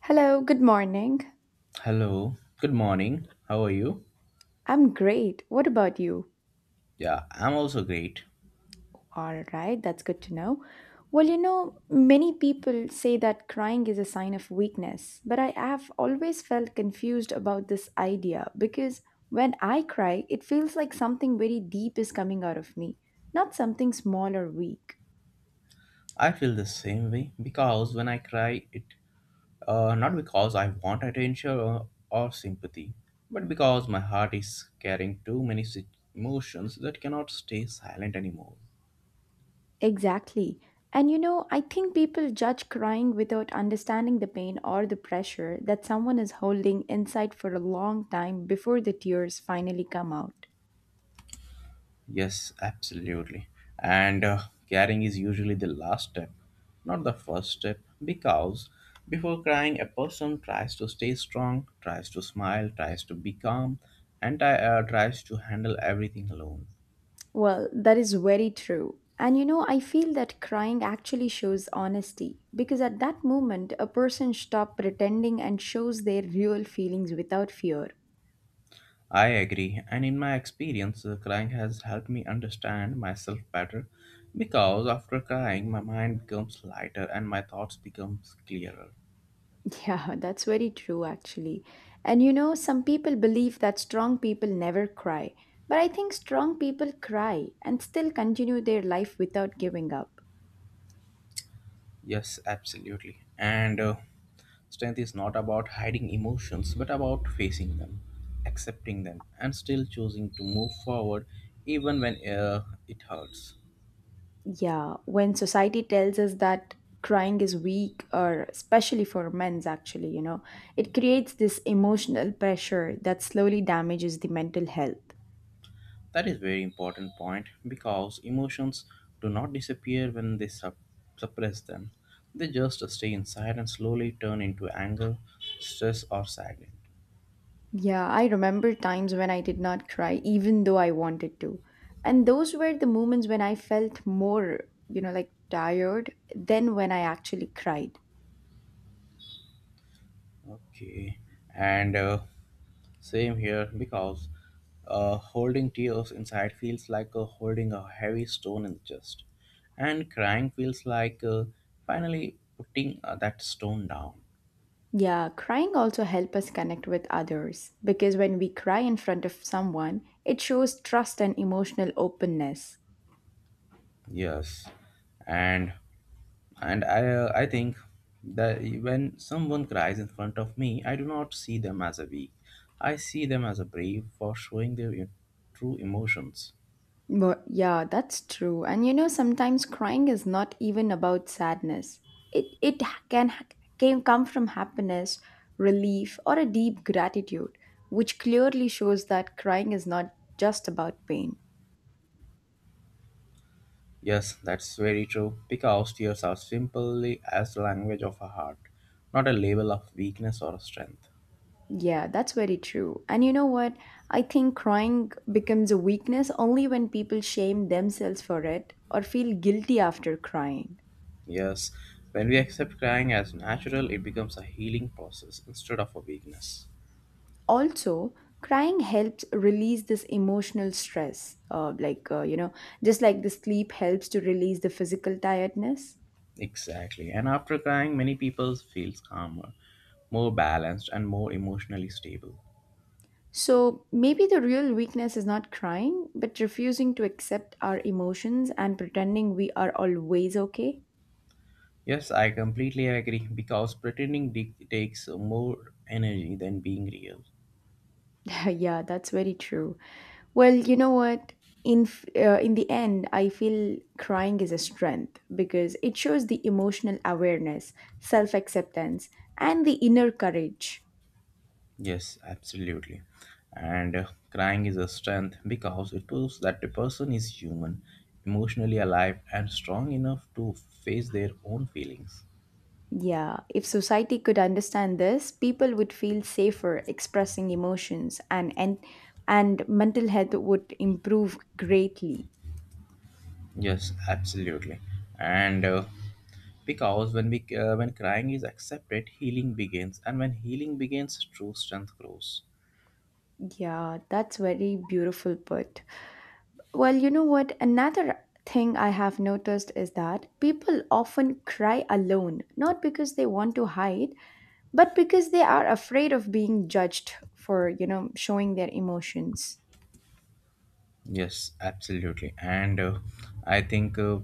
Hello, good morning. Hello, good morning. How are you? I'm great. What about you? Yeah, I'm also great. All right, that's good to know. Well, many people say that crying is a sign of weakness, but I have always felt confused about this idea because when I cry, it feels like something very deep is coming out of me, not something small or weak. I feel the same way because when I cry, it not because I want attention or sympathy, but because my heart is carrying too many emotions that cannot stay silent anymore. Exactly. And I think people judge crying without understanding the pain or the pressure that someone is holding inside for a long time before the tears finally come out. Yes, absolutely. And Caring is usually the last step, not the first step, because before crying, a person tries to stay strong, tries to smile, tries to be calm, and tries to handle everything alone. Well, that is very true. And I feel that crying actually shows honesty because at that moment, a person stops pretending and shows their real feelings without fear. I agree, and in my experience, crying has helped me understand myself better because after crying, my mind becomes lighter and my thoughts becomes clearer. Yeah, that's very true, actually. And some people believe that strong people never cry, but I think strong people cry and still continue their life without giving up. Yes, absolutely. And Strength is not about hiding emotions, but about facing them, accepting them, and still choosing to move forward even when it hurts. Yeah, when society tells us that crying is weak, or especially for men's, actually, it creates this emotional pressure that slowly damages the mental health. That is very important point because emotions do not disappear when they suppress them. They just stay inside and slowly turn into anger, stress, or sadness. Yeah, I remember times when I did not cry, even though I wanted to. And those were the moments when I felt more, like tired than when I actually cried. Okay, and same here, because holding tears inside feels like holding a heavy stone in the chest, and crying feels like finally putting that stone down. Yeah, crying also help us connect with others because when we cry in front of someone, it shows trust and emotional openness. Yes, and and I think that when someone cries in front of me, I do not see them as a weak. I see them as a brave for showing their true emotions. But yeah, that's true. And sometimes crying is not even about sadness. It can come from happiness, relief, or a deep gratitude, which clearly shows that crying is not just about pain. Yes, that's very true. Because tears are simply as the language of a heart, not a label of weakness or strength. Yeah, that's very true. And you know what? I think crying becomes a weakness only when people shame themselves for it or feel guilty after crying. Yes, when we accept crying as natural, it becomes a healing process instead of a weakness. Also crying helps release this emotional stress like just like the sleep helps to release the physical tiredness. Exactly. And after crying, many people feel calmer, more balanced, and more emotionally stable. So maybe the real weakness is not crying but refusing to accept our emotions and pretending we are always okay. Yes, I completely agree because pretending takes more energy than being real. Yeah, that's very true. Well, you know what? In in the end I feel crying is a strength because it shows the emotional awareness, self acceptance, and the inner courage. Yes, absolutely. And Crying is a strength because it proves that the person is human, emotionally alive, and strong enough to face their own feelings. Yeah, if society could understand this, people would feel safer expressing emotions and mental health would improve greatly. Yes, absolutely. And Because when crying is accepted, healing begins, and when healing begins, true strength grows. Yeah, that's very beautiful put. Well, you know what? Another thing I have noticed is that people often cry alone, not because they want to hide, but because they are afraid of being judged for, showing their emotions. Yes, absolutely. And I think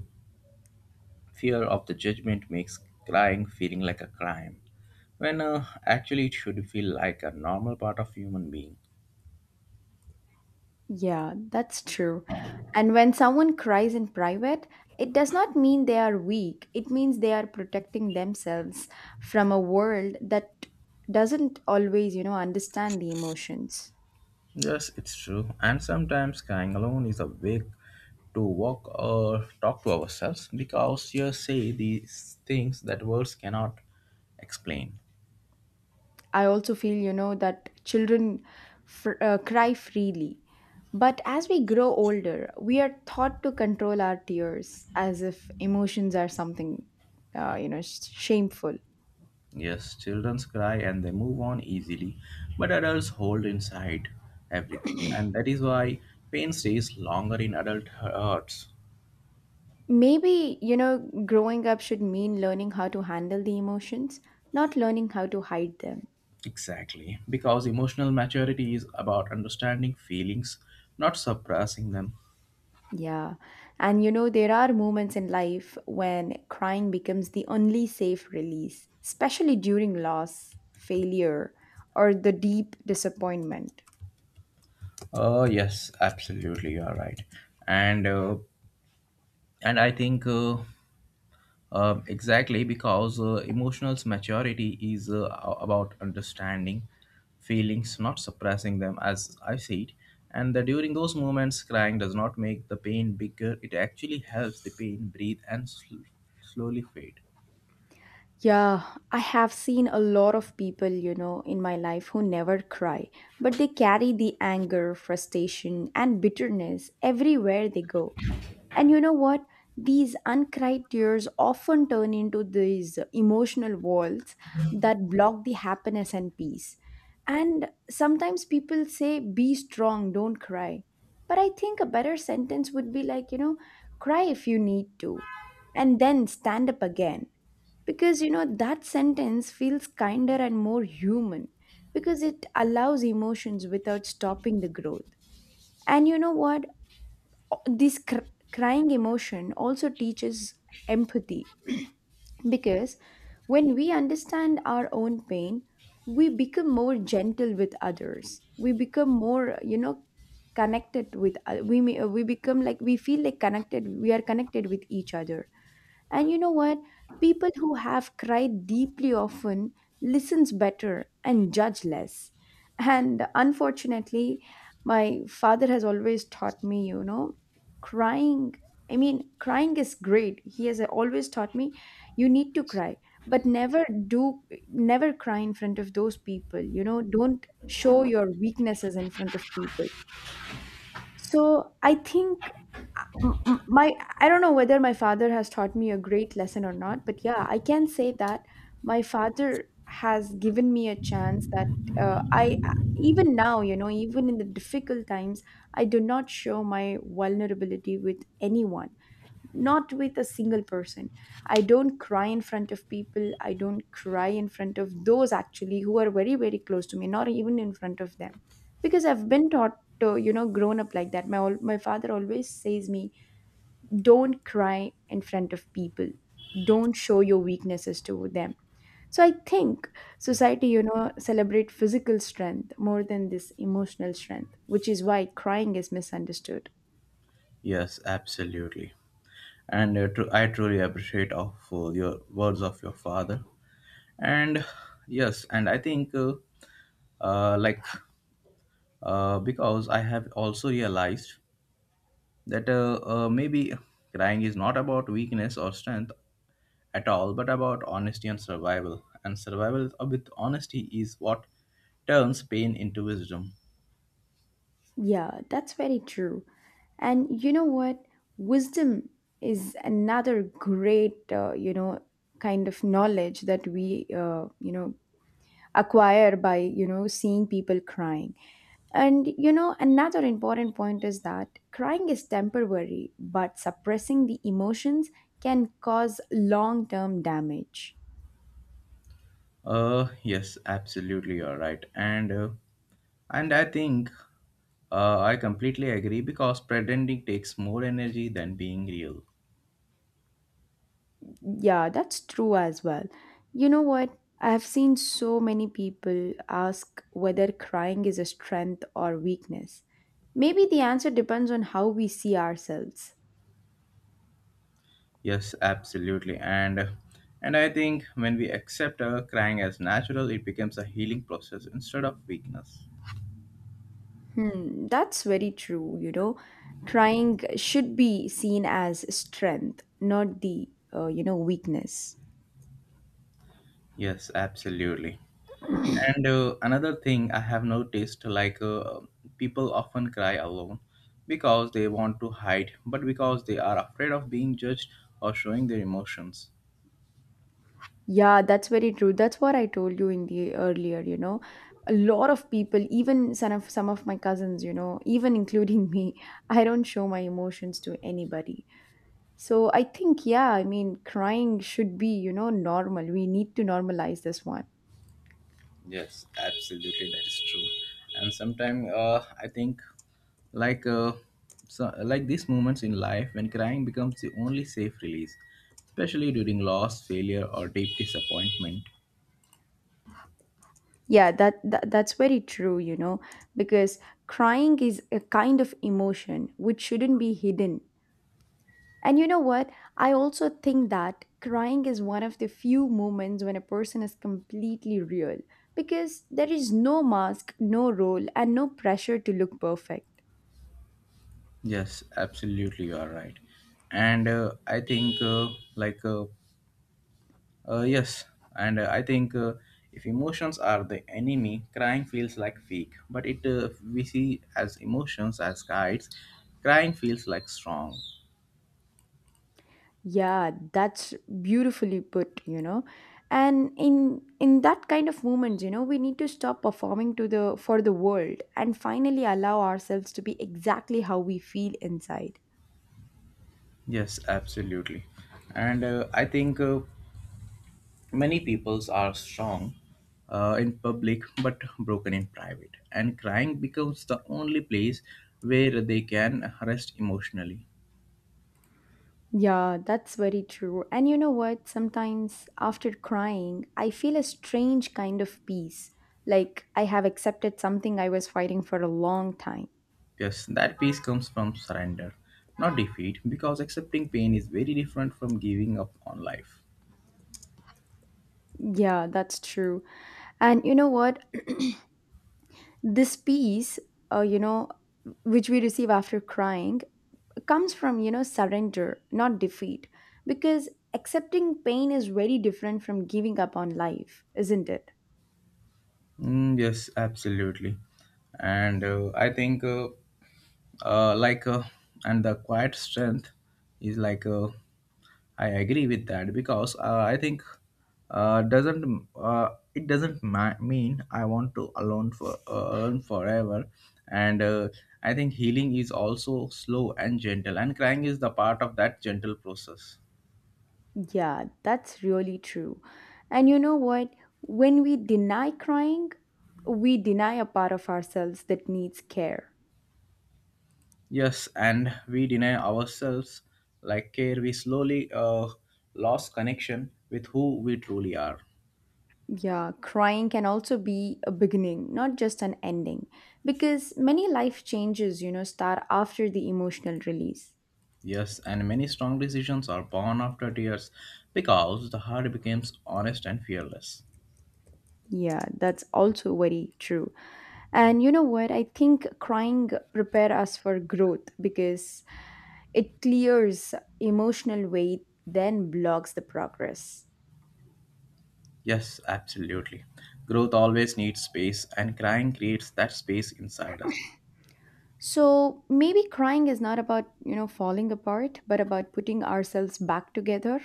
Fear of the judgment makes crying feeling like a crime when actually it should feel like a normal part of human being. Yeah, that's true. And when someone cries in private, it does not mean they are weak. It means they are protecting themselves from a world that doesn't always, understand the emotions. Yes, it's true, and sometimes crying alone is a way to walk or talk to ourselves because you say these things that words cannot explain. I also feel, that children cry freely. But as we grow older, we are taught to control our tears as if emotions are something, shameful. Yes, children cry and they move on easily, but adults hold inside everything, and that is why pain stays longer in adult hearts. Maybe, growing up should mean learning how to handle the emotions, not learning how to hide them. Exactly, because emotional maturity is about understanding feelings, not suppressing them. Yeah. And, there are moments in life when crying becomes the only safe release, especially during loss, failure, or the deep disappointment. Oh yes, absolutely, you are right, and uh, and I think exactly because emotional maturity is about understanding feelings, not suppressing them, as I see it, and that during those moments, crying does not make the pain bigger. It actually helps the pain breathe and slowly fade. Yeah, I have seen a lot of people, in my life who never cry, but they carry the anger, frustration, and bitterness everywhere they go. And you know what? These uncried tears often turn into these emotional walls that block the happiness and peace. And sometimes people say, be strong, don't cry. But I think a better sentence would be like, cry if you need to, and then stand up again. Because, that sentence feels kinder and more human because it allows emotions without stopping the growth. And you know what? This crying emotion also teaches empathy because when we understand our own pain we become more gentle with others. We become more, connected with we become like we feel like connected. We are connected with each other. And you know what? People who have cried deeply often listens better and judge less. And unfortunately, my father has always taught me, crying. I mean, crying is great. He has always taught me you need to cry, but never do, never cry in front of those people. You know, don't show your weaknesses in front of people. So I think my, I don't know whether my father has taught me a great lesson or not, but yeah, I can say that my father has given me a chance that I even now, you know, even in the difficult times, I do not show my vulnerability with anyone, not with a single person. I don't cry in front of people. I don't cry in front of those actually who are very very close to me, not even in front of them, because I've been taught to, you know, grown up like that. My father always says me, don't cry in front of people. Don't show your weaknesses to them. So I think society, you know, celebrate physical strength more than this emotional strength, which is why crying is misunderstood. Yes, absolutely, I truly appreciate of your words of your father, and yes, and I think like because I have also realized that maybe crying is not about weakness or strength at all, but about honesty and survival, and survival with honesty is what turns pain into wisdom. Yeah, that's very true. And you know what? Wisdom is another great kind of knowledge that we acquire by, you know, seeing people crying. And you know, another important point is that crying is temporary, but suppressing the emotions can cause long term damage. Yes, absolutely, you're right, and I think I completely agree because pretending takes more energy than being real. Yeah, that's true as well. You know what? I have seen so many people ask whether crying is a strength or weakness. Maybe the answer depends on how we see ourselves. Yes, absolutely. And I think when we accept crying as natural, it becomes a healing process instead of weakness. Hmm, that's very true, you know. Crying should be seen as strength, not the, weakness. Yes, absolutely. And Another thing I have noticed, people often cry alone because they want to hide, but because they are afraid of being judged or showing their emotions. Yeah, that's very true. That's what I told you in the earlier, you know. A lot of people, even some of my cousins, you know, even including me, I don't show my emotions to anybody. So I think, yeah, I mean, crying should be, you know, normal. We need to normalize this one. Yes, absolutely, that is true. And sometimes I think, like, so, like these moments in life when crying becomes the only safe release, especially during loss, failure, or deep disappointment. Yeah, that's very true, you know, because crying is a kind of emotion which shouldn't be hidden. And you know what? I also think that crying is one of the few moments when a person is completely real because there is no mask, no role, and no pressure to look perfect. Yes, absolutely, you are right. And I think, like, yes, and I think If emotions are the enemy, crying feels like weak. But it we see as emotions as guides, crying feels like strong. Yeah, that's beautifully put, you know. And in that kind of moments, you know, we need to stop performing to the for the world and finally allow ourselves to be exactly how we feel inside. Yes, absolutely. And I think Many peoples are strong in public but broken in private. And crying becomes the only place where they can rest emotionally. Yeah, that's very true. And you know what? Sometimes after crying, I feel a strange kind of peace. Like I have accepted something I was fighting for a long time. Yes, that peace comes from surrender, not defeat, because accepting pain is very different from giving up on life. Yeah, that's true. And you know what? This peace, uh, you know, which we receive after crying comes from, surrender, not defeat. Because accepting pain is very different from giving up on life, isn't it? Mm, yes, absolutely. And uh, I think, uh, uh, like, uh, and the quiet strength is like a I agree with that because I think doesn't, it doesn't ma- mean I want to alone for alone forever, and I think healing is also slow and gentle, and crying is the part of that gentle process. Yeah, that's really true. And you know what? When we deny crying, we deny a part of ourselves that needs care. Yes, and we deny ourselves like care. We slowly lost connection with who we truly are. Yeah, crying can also be a beginning, not just an ending, because many life changes, start after the emotional release. Yes, and many strong decisions are born after tears because the heart becomes honest and fearless. Yeah, that's also very true. And you know what? I think crying prepare us for growth because it clears emotional weight, then blocks the progress. Yes, absolutely. Growth always needs space, and crying creates that space inside us. So maybe crying is not about, falling apart, but about putting ourselves back together.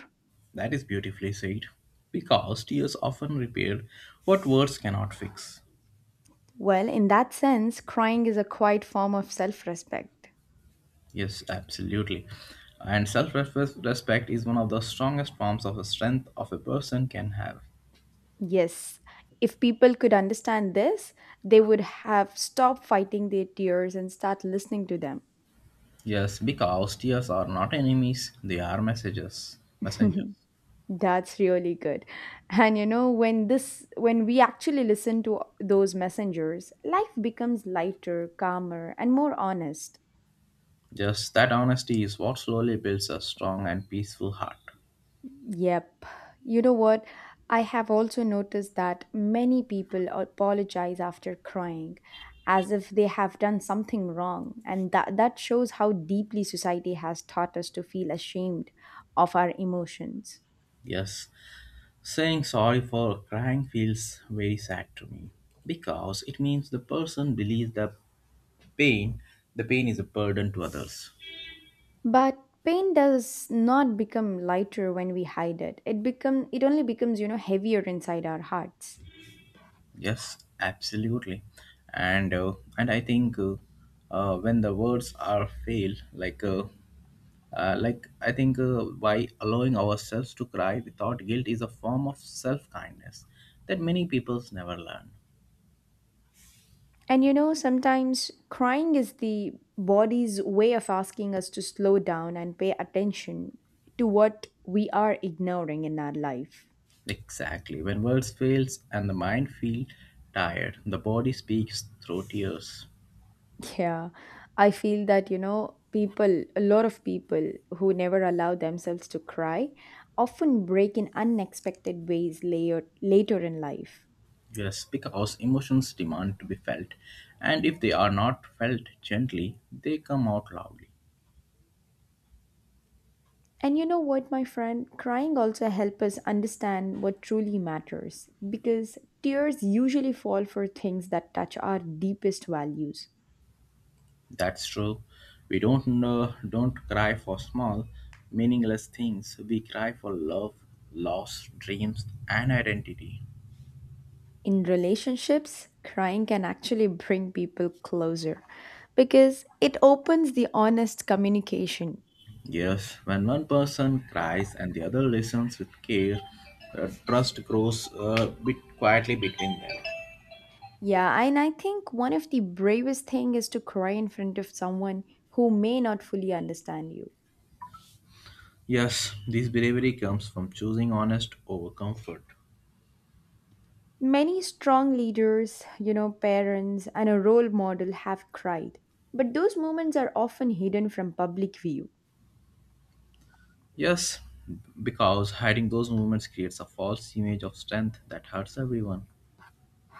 That is beautifully said, because tears often repair what words cannot fix. Well, in that sense, crying is a quiet form of self respect. Yes, absolutely. And self respect is one of the strongest forms of strength of a person can have. Yes, if people could understand this, they would have stopped fighting their tears and start listening to them. Yes, because tears are not enemies, they are messages. Messengers. That's really good. And when this when we actually listen to those messengers, life becomes lighter, calmer, and more honest. Just that honesty is what slowly builds a strong and peaceful heart. Yep. You know what? I have also noticed that many people apologize after crying as if they have done something wrong. And that shows how deeply society has taught us to feel ashamed of our emotions. Yes, saying sorry for crying feels very sad to me because it means the person believes the pain pain is a burden to others. But pain does not become lighter when we hide it. It become It only becomes, heavier inside our hearts. Yes, absolutely. And uh, and I think When the words are fail like I think by allowing ourselves to cry without guilt is a form of self kindness that many peoples never learn. And sometimes crying is the body's way of asking us to slow down and pay attention to what we are ignoring in our life. Exactly. When words fails and the mind feel tired, the body speaks through tears. Yeah, I feel that, people, a lot of people who never allow themselves to cry often break in unexpected ways later, later in life. Yes, because emotions demand to be felt, and if they are not felt gently, they come out loudly. And you know what, my friend? Crying also helps us understand what truly matters because tears usually fall for things that touch our deepest values. That's true. We don't know, don't cry for small, meaningless things. We cry for love, loss, dreams, and identity. In relationships, crying can actually bring people closer because it opens the honest communication. Yes, when one person cries and the other listens with care, trust grows bit quietly between them. Yeah, and I think one of the bravest thing is to cry in front of someone who may not fully understand you. Yes, this bravery comes from choosing honest over comfort. Many strong leaders, parents, and a role model have cried. But those moments are often hidden from public view. Yes, because hiding those moments creates a false image of strength that hurts everyone.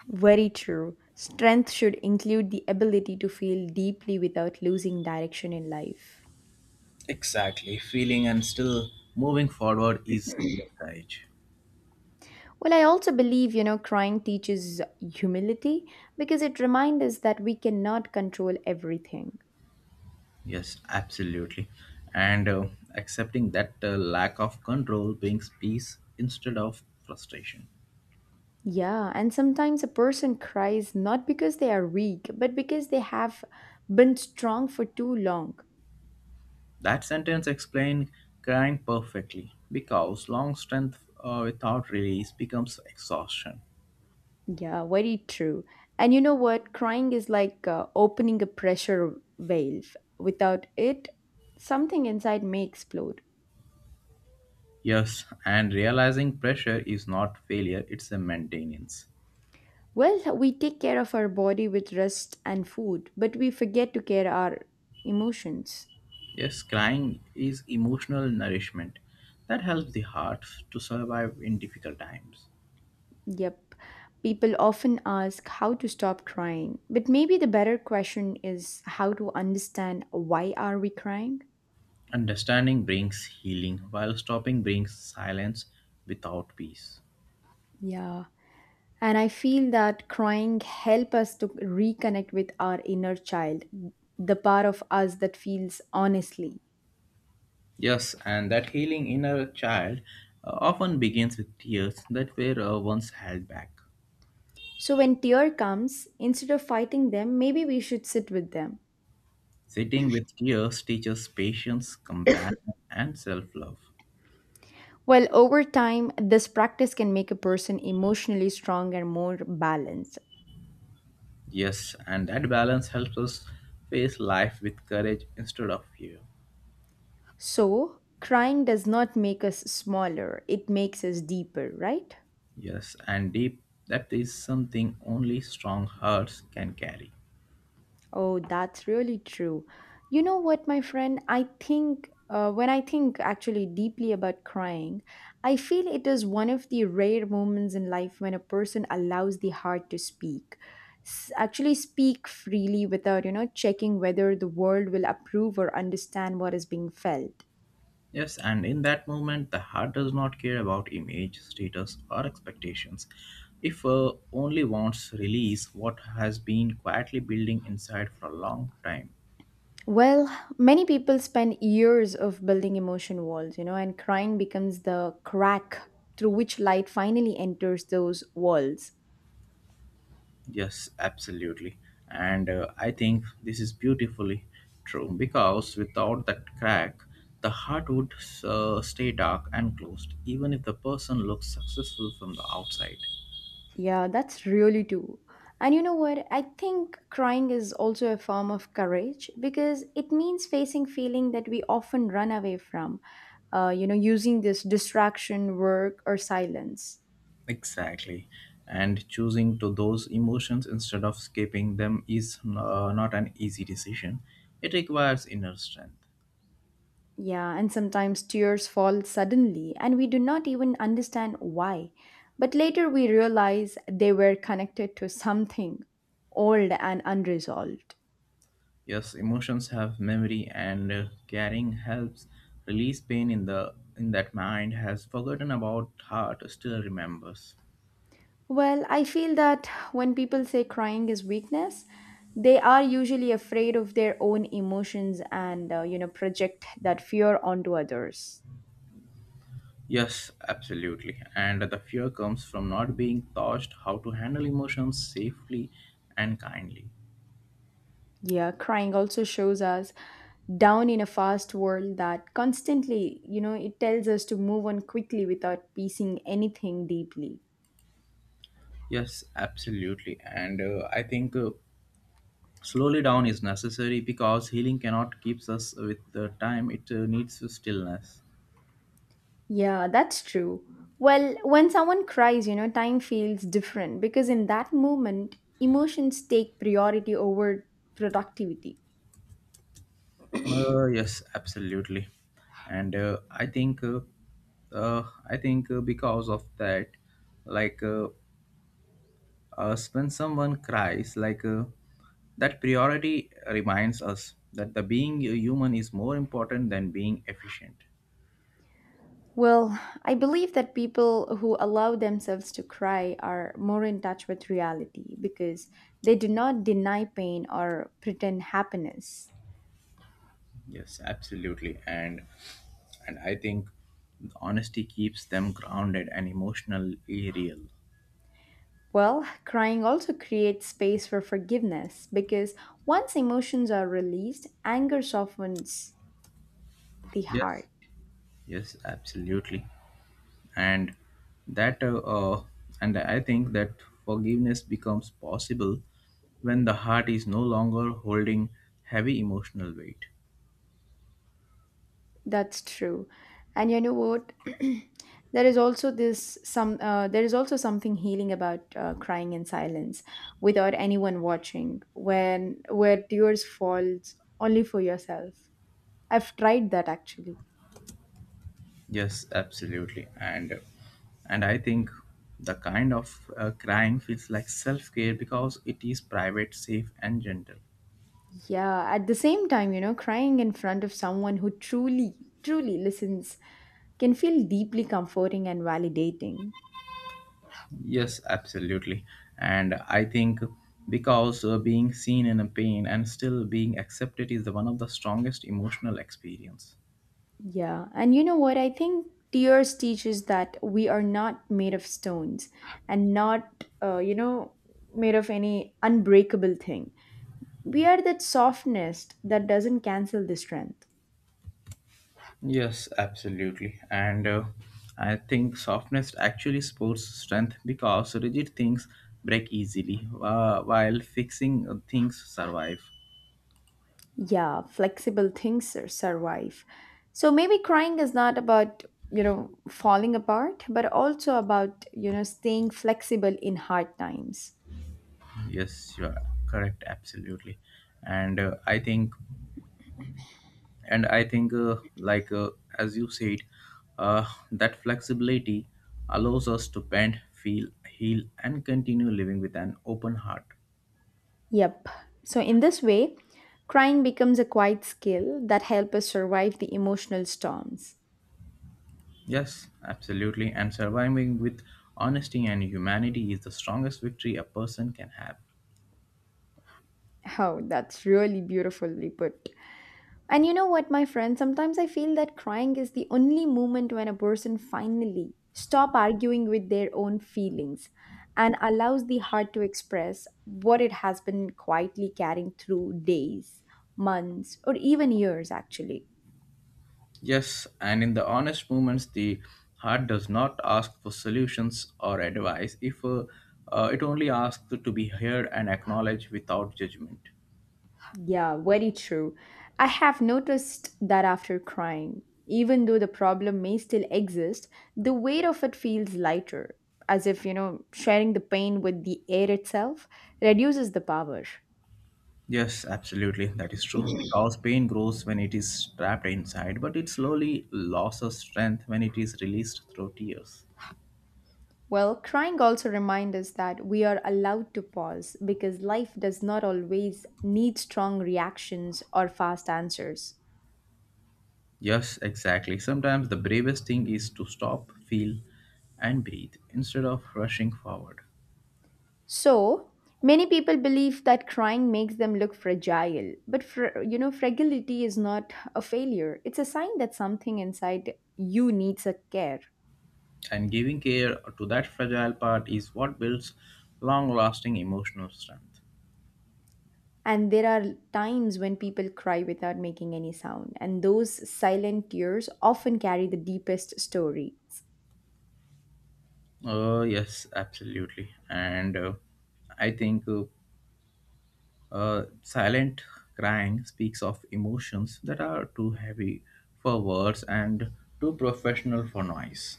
Very true. Strength should include the ability to feel deeply without losing direction in life. Exactly. Feeling and still moving forward is real courage. Well, I also believe, crying teaches humility because it reminds us that we cannot control everything. Yes, absolutely. And Accepting that lack of control brings peace instead of frustration. Yeah, and sometimes a person cries not because they are weak, but because they have been strong for too long. That sentence explained crying perfectly because long strength without release becomes exhaustion. Yeah, very true. And you know what? Crying is like opening a pressure valve. Without it, something inside may explode. Yes, and realizing pressure is not failure, it's a maintenance. Well, we take care of our body with rest and food, but we forget to care our emotions. Yes, crying is emotional nourishment that helps the heart to survive in difficult times. Yep. People often ask how to stop crying, but maybe the better question is how to understand why are we crying? Understanding brings healing, while stopping brings silence without peace. Yeah. And I feel that crying help us to reconnect with our inner child, the part of us that feels honestly. Yes, and that healing inner child often begins with tears that were once held back. So when tear comes, instead of fighting them, maybe we should sit with them. Sitting with tears teaches patience, compassion, and self love. Well, over time, this practice can make a person emotionally strong and more balanced. Yes, and that balance helps us face life with courage instead of fear. So, crying does not make us smaller, it makes us deeper, right? Yes, and deep depth is something only strong hearts can carry. Oh, that's really true. You know what, my friend? I think, when I think actually deeply about crying, I feel it is one of the rare moments in life when a person allows the heart to speak. Actually, speak freely without checking whether the world will approve or understand what is being felt. Yes, and in that moment, the heart does not care about image, status, or expectations. If only wants release what has been quietly building inside for a long time. Well, many people spend years of building emotion walls, and crying becomes the crack through which light finally enters those walls. Yes, absolutely. And I think this is beautifully true because without that crack, the heart would stay dark and closed, even if the person looks successful from the outside. Yeah, that's really true. And you know what? I think crying is also a form of courage because it means facing feeling that we often run away from, using this distraction, work, or silence. Exactly. And choosing to those emotions instead of escaping them is not an easy decision. It requires inner strength. Yeah, and sometimes tears fall suddenly and we do not even understand why. But later we realize they were connected to something old and unresolved. Yes, emotions have memory, and caring helps release pain in the in that mind has forgotten about heart still remembers. Well, I feel that when people say crying is weakness, they are usually afraid of their own emotions and project that fear onto others. Yes, absolutely. And the fear comes from not being taught how to handle emotions safely and kindly. Yeah, crying also shows us down in a fast world that constantly, it tells us to move on quickly without piecing anything deeply. Yes, absolutely. And I think Slowly down is necessary because healing cannot keep us with the time. It needs stillness. Yeah, that's true. Well, when someone cries, time feels different because in that moment, emotions take priority over productivity. Yes, absolutely, and uh, I think because of that, like uh, when someone cries, that priority reminds us that the being a human is more important than being efficient. Well, I believe that people who allow themselves to cry are more in touch with reality because they do not deny pain or pretend happiness. Yes, absolutely, and I think honesty keeps them grounded and emotionally real. Well, crying also creates space for forgiveness because once emotions are released, anger softens the heart. Yes, yes, absolutely. and that uh, uh, and i think that forgiveness becomes possible when the heart is no longer holding heavy emotional weight. That's true. And you know what? There is also something healing about crying in silence without anyone watching when where tears falls only for yourself. I've tried that actually. Yes, absolutely, and I think the kind of crying feels like self care because it is private, safe, and gentle. Yeah, at the same time, crying in front of someone who truly listens can feel deeply comforting and validating. Yes, absolutely. And I think because being seen in a pain and still being accepted is the one of the strongest emotional experience. Yeah, and you know what? I think tears teaches that we are not made of stones and not made of any unbreakable thing. We are that softness that doesn't cancel the strength. Yes, absolutely. And I think softness actually supports strength because rigid things break easily while fixing things survive. Yeah, flexible survive. So maybe crying is not about falling apart, but also about staying flexible in hard times. Yes, you are correct. Absolutely. And I think, and I think, like As you said, uh, that flexibility allows us to bend, feel, heal, and continue living with an open heart. Yep. So in this way, crying becomes a quiet skill that helps us survive the emotional storms. Yes, absolutely. And surviving with honesty and humanity is the strongest victory a person can have. Oh, that's really beautifully put. And you know what, my friend? Sometimes I feel that crying is the only moment when a person finally stop arguing with their own feelings and allows the heart to express what it has been quietly carrying through days, months, or even years actually. Yes, and in the honest moments, the heart does not ask for solutions or advice. If It only asks to be heard and acknowledged without judgment. Yeah, very true. I have noticed that after crying, even though the problem may still exist, the weight of it feels lighter, as if sharing the pain with the air itself reduces the power. Yes, absolutely, that is true. Because pain grows when it is trapped inside, but it slowly loses strength when it is released through tears. Well, crying also reminds us that we are allowed to pause because life does not always need strong reactions or fast answers. Yes, exactly. Sometimes the bravest thing is to stop, feel, and breathe instead of rushing forward. So, many people believe that crying makes them look fragile, but fragility is not a failure. It's a sign that something inside you needs a care. And giving care to that fragile part is what builds long lasting emotional strength. And there are times when people cry without making any sound, and those silent tears often carry the deepest stories. Yes, absolutely. And I think Silent crying speaks of emotions that are too heavy for words and too professional for noise.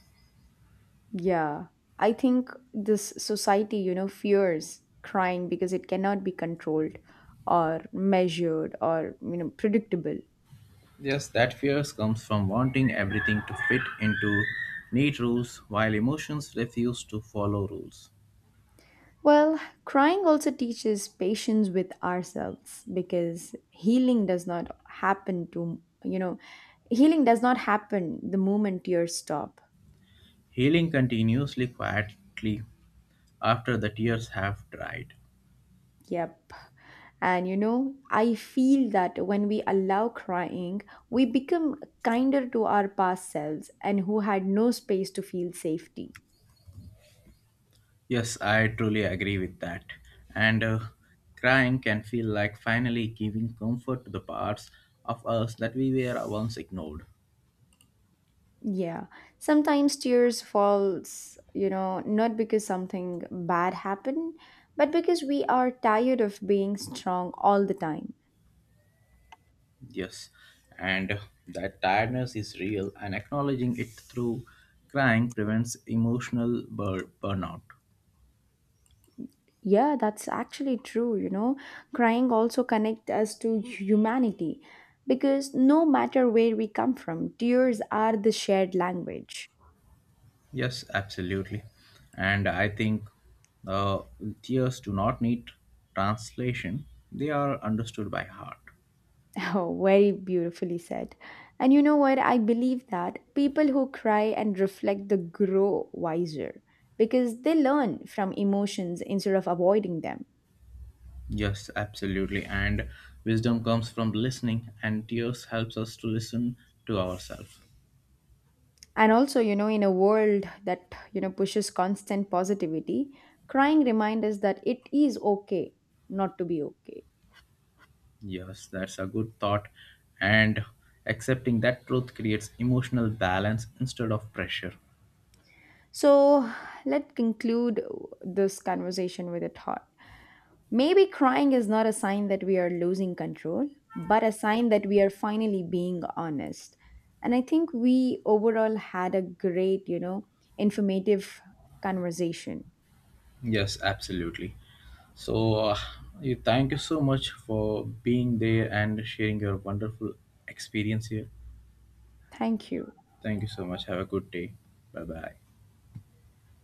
Yeah, I think this society, fears crying because it cannot be controlled or measured or predictable. Yes, that fear comes from wanting everything to fit into neat rules while emotions refuse to follow rules. Well, crying also teaches patience with ourselves because healing does not happen the moment tears stop. Healing continuously quietly after the tears have dried. Yep. And you know, I feel that when we allow crying, we become kinder to our past selves and who had no space to feel safety. Yes, I truly agree with that. And Crying can feel like finally giving comfort to the parts of us that we were once ignored. Yeah, sometimes tears falls, not because something bad happened, but because we are tired of being strong all the time. Yes, and that tiredness is real, and acknowledging it through crying prevents emotional burnout. Yeah, that's actually true. Crying also connect us to humanity because no matter where we come from, tears are the shared language. Yes, absolutely. And I think uh, Tears do not need translation, they are understood by heart. Oh, very beautifully said. And you know what? I believe that people who cry and reflect the grow wiser because they learn from emotions instead of avoiding them. Yes, absolutely. And wisdom comes from listening, and tears helps us to listen to ourselves. And also, in a world that, pushes constant positivity, crying reminds us that it is okay not to be okay. Yes, that's a good thought. And accepting that truth creates emotional balance instead of pressure. So let's conclude this conversation with a thought. Maybe crying is not a sign that we are losing control, but a sign that we are finally being honest. And I think we overall had a great, informative conversation. Yes, absolutely. So, you thank you so much for being there and sharing your wonderful experience here. Thank you. Thank you so much. Have a good day. Bye bye.